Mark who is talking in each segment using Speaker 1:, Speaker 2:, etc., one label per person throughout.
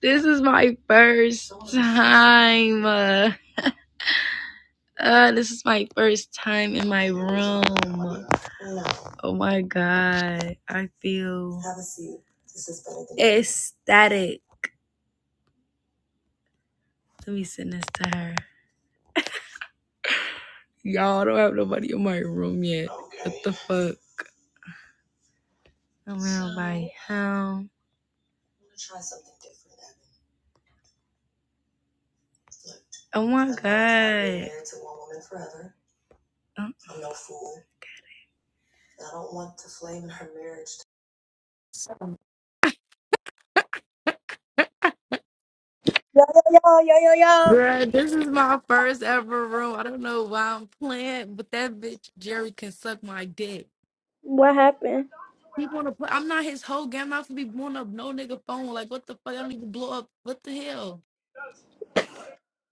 Speaker 1: This is my first time. Uh, uh, this is my first time in my room. Oh my god. I feel ecstatic. Let me send this to her. Y'all I don't have nobody in my room yet. What the fuck? I'm out by home. Oh my god. Uh,
Speaker 2: Yo, yo, yo, yo.
Speaker 1: Bruh, this is my first ever room. I don't know why I'm playing, but that bitch Jerry can suck my dick.
Speaker 2: What happened?
Speaker 1: He wanna play. I'm not his whole game. I'm not gonna be blowing up no nigga phone. Like what the fuck? I don't even blow up. What the hell?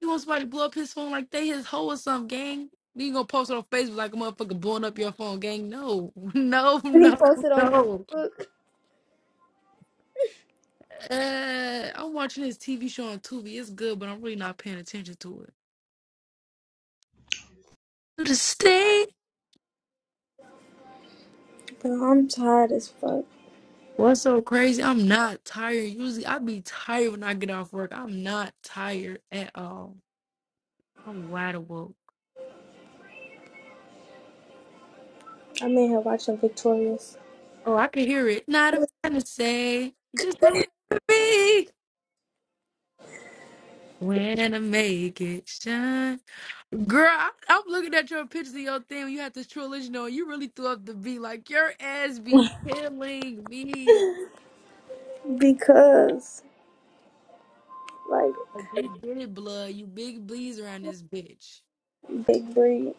Speaker 1: He wants somebody to blow up his phone like they his hoe or some gang. You gonna post it on Facebook like a motherfucker blowing up your phone, gang? No, no,
Speaker 2: He
Speaker 1: no,
Speaker 2: posted on
Speaker 1: no.
Speaker 2: Facebook.
Speaker 1: Uh, I'm watching this TV show on Tubi. It's good, but I'm really not paying attention to it. To the state.
Speaker 2: Bro, I'm tired as fuck.
Speaker 1: What's so crazy? I'm not tired. Usually I be tired when I get off work. I'm not tired at all. I'm wide awake.
Speaker 2: I'm in here watching Victorious.
Speaker 1: Oh, I can hear it. Not a fantasy. Just remember me when I make it shine. Girl, I, I'm looking at your pictures of your thing. when You had this trilogy on. You really threw up the V. Like, your ass be killing me.
Speaker 2: Because, like,
Speaker 1: Like, we did it, blood. You big bleeds around this bitch.
Speaker 2: Big Breed.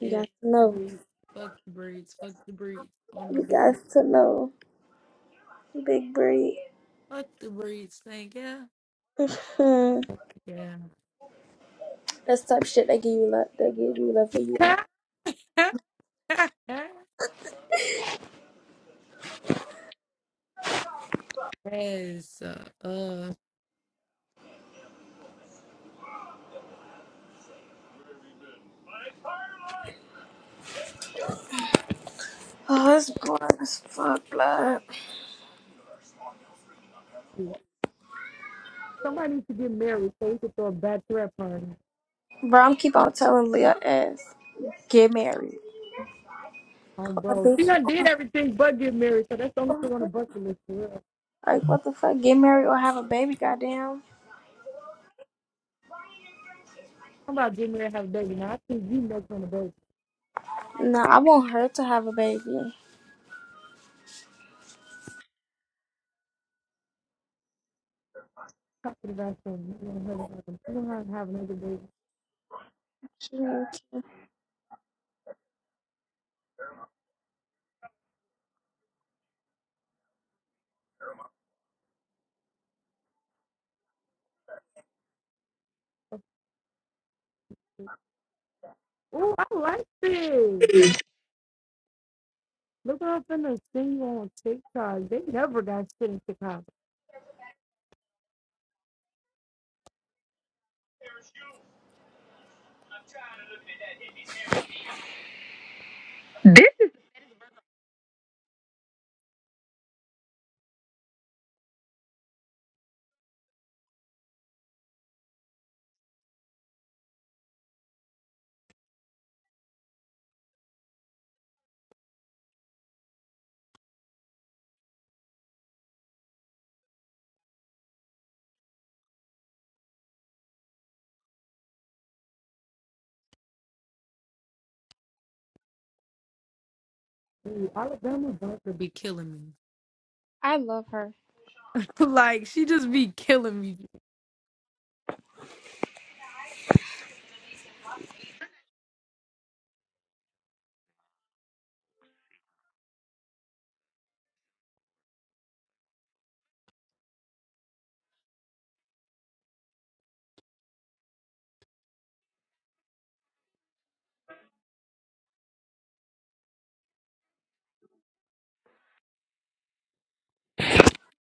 Speaker 2: You
Speaker 1: Yeah.
Speaker 2: got to know.
Speaker 1: Breeds. Fuck the breeds. Fuck the breeds. On my
Speaker 2: You
Speaker 1: business.
Speaker 2: got to know. Big Breed.
Speaker 1: Fuck the breeds. Thank you.
Speaker 2: Hmm.
Speaker 1: Yeah.
Speaker 2: That's type of shit they give you love. They give you love for you. want.
Speaker 1: yes. Uh,
Speaker 2: Oh, it's boring as fuck, blood.
Speaker 1: uh. Somebody needs to get married so we could throw a bachelorette party
Speaker 2: Bro, I'm keep on telling Leah ass. Get married.
Speaker 1: on
Speaker 2: Fuck,
Speaker 1: bro. She
Speaker 2: bitch.
Speaker 1: done did everything but get married, so that's the only thing on the bucket list for real.
Speaker 2: Like, what the fuck? Get married or have a baby, goddamn.
Speaker 1: I'm about to get married and have a baby. Now I think you next on the baby.
Speaker 2: No, I want her to have a baby.
Speaker 1: Talking about something. You don't have to have another baby.
Speaker 2: Mm.
Speaker 1: Ooh, I like this. Look up in the thing on TikTok. They never got shit in Chicago. Dude, Alabama Bunker be killing
Speaker 2: I love her.
Speaker 1: me. like she just be killing me.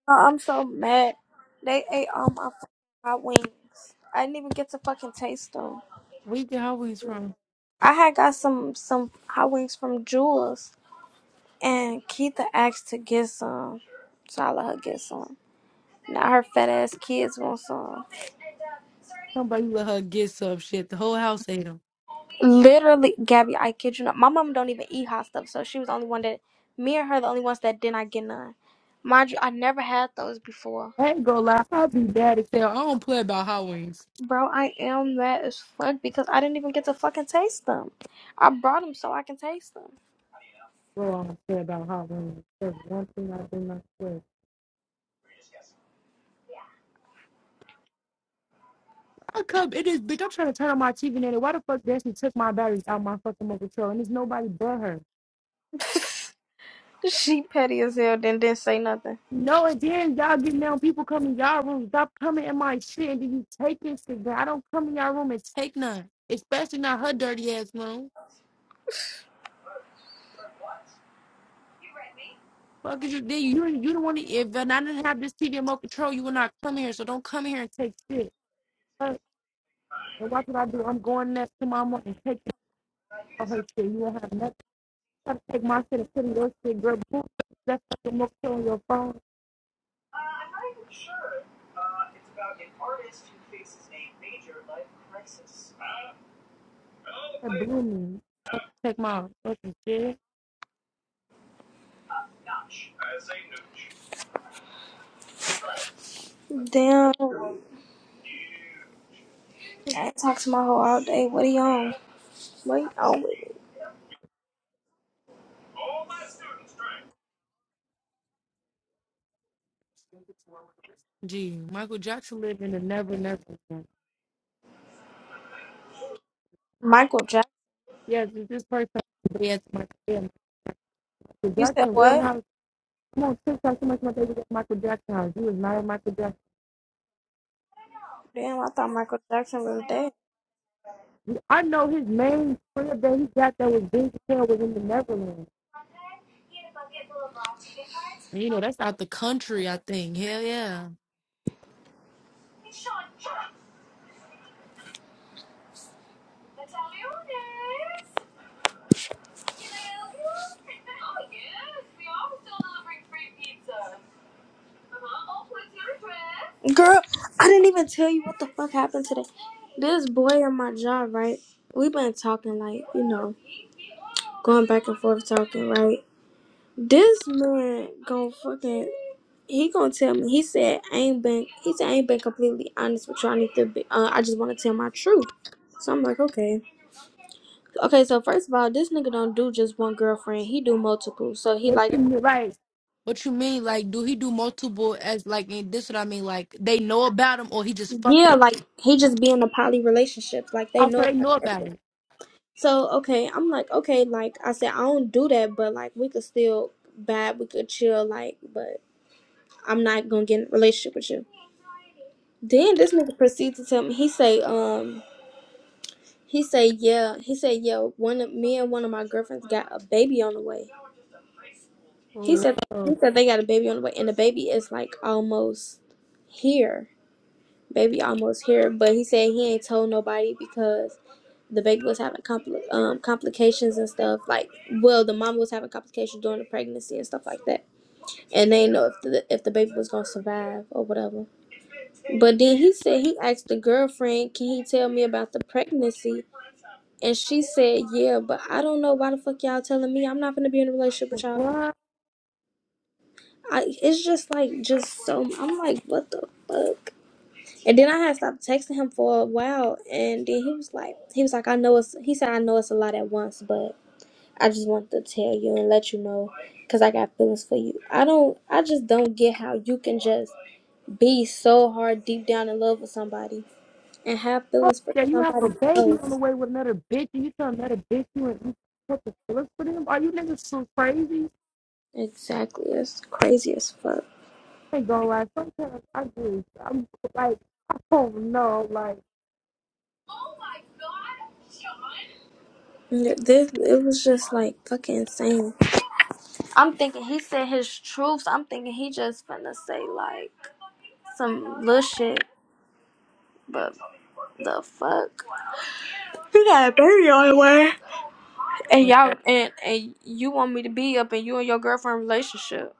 Speaker 2: Oh, I'm so mad. They ate all my fucking hot wings. I didn't even get to fucking taste them.
Speaker 1: We can always from
Speaker 2: I had got some some hot wings from Jewels, and Keitha asked to get some, so I let her get some. Now her fat ass kids want some.
Speaker 1: somebody let her get some shit. The whole house ate them.
Speaker 2: Literally, Gabby, I kid you not. My mom don't even eat hot stuff, so she was the only one that me and her the only ones that did not get none. Mind you, I never had those before.
Speaker 1: I ain't gonna lie, I'd be mad as hell. I don't play about hot wings.
Speaker 2: Bro, I am mad as fuck because I didn't even get to fucking taste them. I brought them so I can taste them.
Speaker 1: go on and say about Halloween. There's one thing I do not swear. I come it is bitch, I'm trying to turn on my TV and why the fuck Destiny took my batteries out my fucking remote control and there's nobody but her.
Speaker 2: she petty as hell, then didn't say nothing.
Speaker 1: No, and then y'all getting down, people come in y'all room, stop coming in my shit and then you taking shit, but I don't come in y'all room and take none. Especially not her dirty ass room. Fuck is you then you you don't want to if I didn't have this TV remote control, you would not come here, so don't come here and take shit. Fuck. And watch what I do. I'm going next to mama and taking all her shit. You will have nothing. trying to take my shit and put your shit, girl. Boom. That's fucking more shit on your phone. That blew me. Take my fucking shit.
Speaker 2: Damn, I ain't talked to my hoe all day. What are you on? What you on with?
Speaker 1: Gee, Michael Jackson lived in the never never. Land.
Speaker 2: Michael Jackson.
Speaker 1: Yes, it's this person. Yes, my. yeah, Michael
Speaker 2: You said
Speaker 1: Jackson, Real
Speaker 2: what?
Speaker 1: House. Come on, TikTok so much my baby got Michael Jackson house. He was not in Michael Jackson.
Speaker 2: Damn, I thought Michael Jackson was dead.
Speaker 1: I know his main crib that he got that was big as hell was in the Neverland. And, You know, that's out the country, I think. Hell yeah.
Speaker 2: Girl, I didn't even tell you what the fuck happened today. This boy at my job, right? we been talking like, you know, going back and forth talking, right? This man gon' fucking He gonna tell me. He said I ain't been. He said I ain't been completely honest with you. I need to be. Uh, I just want to tell my truth. So I'm like, okay, okay. So first of all, this nigga don't do just one girlfriend. He do multiple. So he
Speaker 1: What you
Speaker 2: like,
Speaker 1: mean? Right. What you mean? Like, do he do multiple as like? And this what I mean. Like, they know about him, or he just fucking.
Speaker 2: yeah, like he just be in a poly relationship. Like they
Speaker 1: Also,
Speaker 2: know.
Speaker 1: they know about it.
Speaker 2: So okay, I'm like, okay, like I said, I don't do that, but like we could still vibe. We could chill. Like, but I'm not gonna get in a relationship with you. Then this nigga proceeds to tell me. He say, um. He said, "Yeah." He said, "Yeah." One of me and one of my girlfriends got a baby on the way. He
Speaker 1: Whoa,
Speaker 2: said, "He said they got a baby on the way, and the baby is like almost here. Baby almost here." But he said he ain't told nobody because the baby was having compli- um, complications and stuff. Like, well, the mom was having complications during the pregnancy and stuff like that, and they didn't know if the if the baby was gonna survive or whatever. But then he said he asked the girlfriend, "Can he tell me about the pregnancy?" And she said, "Yeah, but I don't know why the fuck y'all telling me I'm not gonna be in a relationship with y'all."
Speaker 1: What?
Speaker 2: I it's just like just so I'm like, what the fuck? And then I had stopped texting him for a while, and then he was like, he was like, I know it's. He said, I know it's a lot at once, but I just wanted to tell you and let you know, cause I got feelings for you. I don't. I just don't get how you can just be so hard deep down in love with somebody and have
Speaker 1: Fuck
Speaker 2: feelings for
Speaker 1: that you have a
Speaker 2: somebody
Speaker 1: baby on the
Speaker 2: else.
Speaker 1: way with another bitch, and you tell another bitch you and you put the fillers for them. Are you niggas so crazy?
Speaker 2: Exactly, it's crazy as fuck.
Speaker 1: Ain't gonna lie. Sometimes I do. I'm like, I don't know. Like,
Speaker 2: This it was just like fucking insane. I'm thinking he said his truths. I'm thinking he just finna say like some little shit, but the fuck. You got a baby on the way, and y'all and and you want me to be up in you and your girlfriend relationship?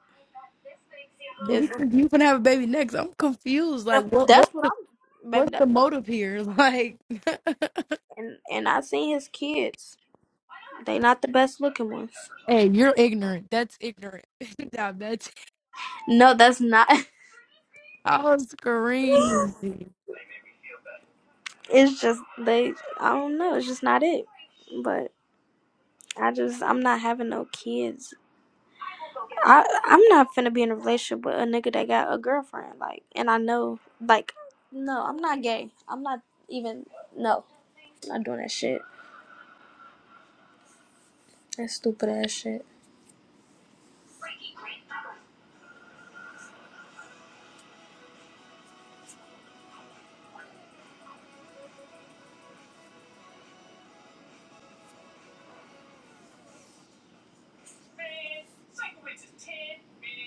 Speaker 1: do he
Speaker 2: If
Speaker 1: think you can have a baby next? I'm confused. Like, what? What?
Speaker 2: that's what I'm, baby.
Speaker 1: What's
Speaker 2: That,
Speaker 1: the motive here? Like,
Speaker 2: and and I seen his kids. They not the best looking ones.
Speaker 1: hey, you're ignorant. That's ignorant. Nah, that's
Speaker 2: No, that's not.
Speaker 1: I was crazy.
Speaker 2: It's just they. I don't know. It's just not it. But I just I'm not having no kids. I I'm not finna be in a relationship with a nigga that got a girlfriend. Like, and I know, like, no, I'm not gay. I'm not even. No, I'm not doing that shit. That stupid ass shit.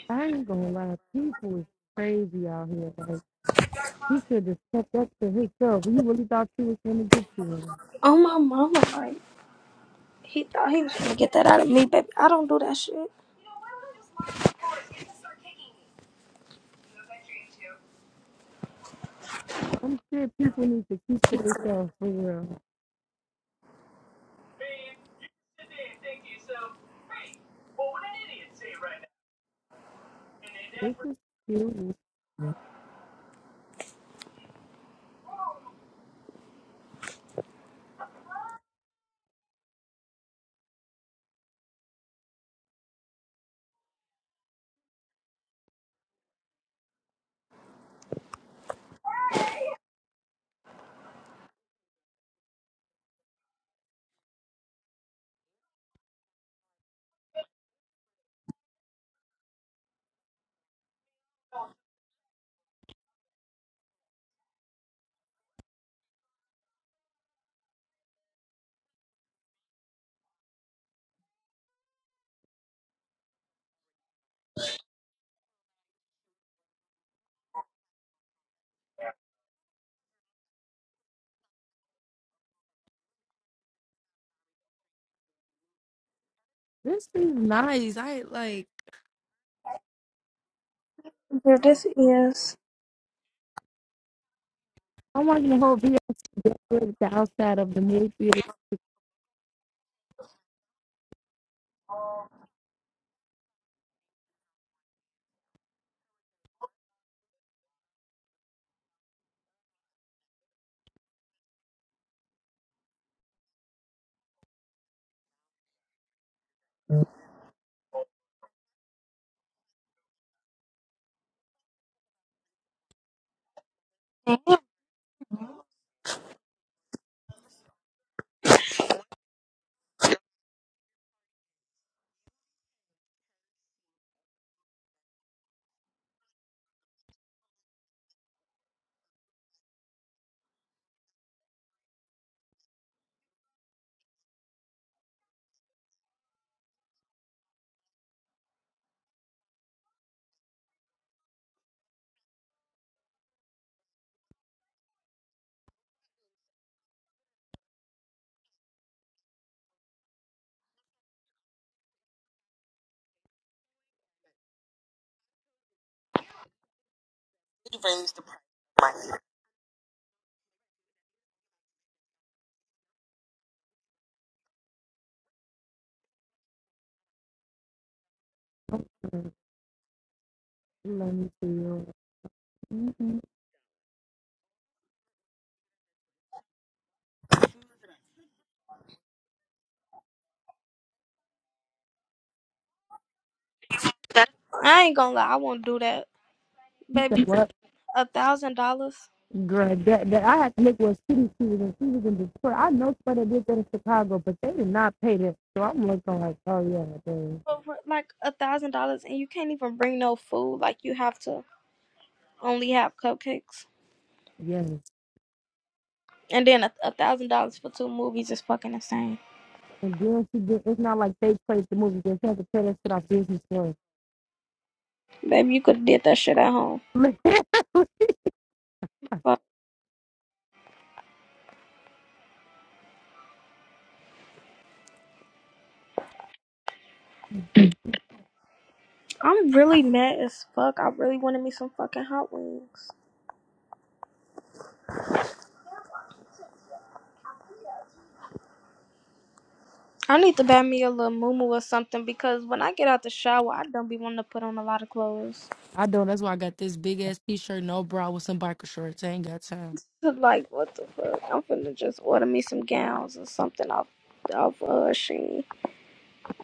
Speaker 1: I ain't gonna lie, people is crazy out here. Like he should have stepped up to himself. He really thought you was gonna get to him.
Speaker 2: Oh my mama, like he thought he was gonna get that out of me, baby. I don't do that shit.
Speaker 1: Some shit people need to keep to themselves for real. This is cute. This is nice. I like.
Speaker 2: Here this is.
Speaker 1: I want you to hold VLC decorate the outside of the movie theater. Let me see.
Speaker 2: I ain't gonna lie, I won't do that,
Speaker 1: You said
Speaker 2: baby.
Speaker 1: what?
Speaker 2: A thousand dollars,
Speaker 1: Girl, that, that I had to look what city she was in. She was in Detroit. I know somebody did that in Chicago, but they did not pay that. So I'm looking like, oh yeah, they,
Speaker 2: over like a thousand dollars, and you can't even bring no food. Like you have to only have cupcakes,
Speaker 1: yes.
Speaker 2: and then a a thousand dollars for two movies is fucking insane.
Speaker 1: And then she did. It's not like they played the movie. They had to pay that shit off Disney Plus.
Speaker 2: Baby, you could have did that shit at home. Fuck. I'm really mad as fuck. I really wanted me some fucking hot wings. I need to buy me a little moo or something because when I get out the shower, I don't be wanting to put on a lot of clothes.
Speaker 1: I don't. That's why I got this big ass t shirt, no bra with some biker shorts. I ain't got time.
Speaker 2: Like, what the fuck? I'm finna just order me some gowns or something off off uh Shein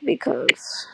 Speaker 2: because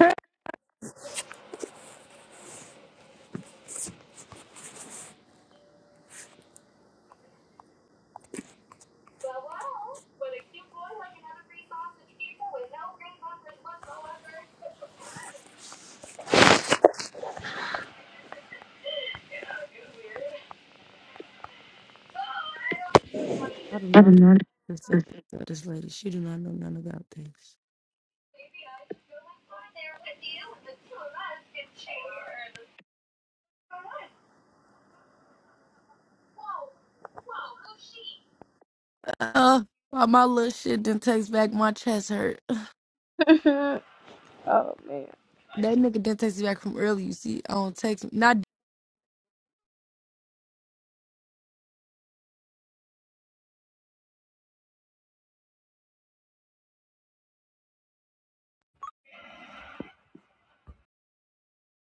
Speaker 1: I do not accept this lady. She do not know none about this. Uh, why my little shit didn't text back. My chest hurt.
Speaker 2: oh man.
Speaker 1: That nigga didn't text me back from early. You see, I don't text. not.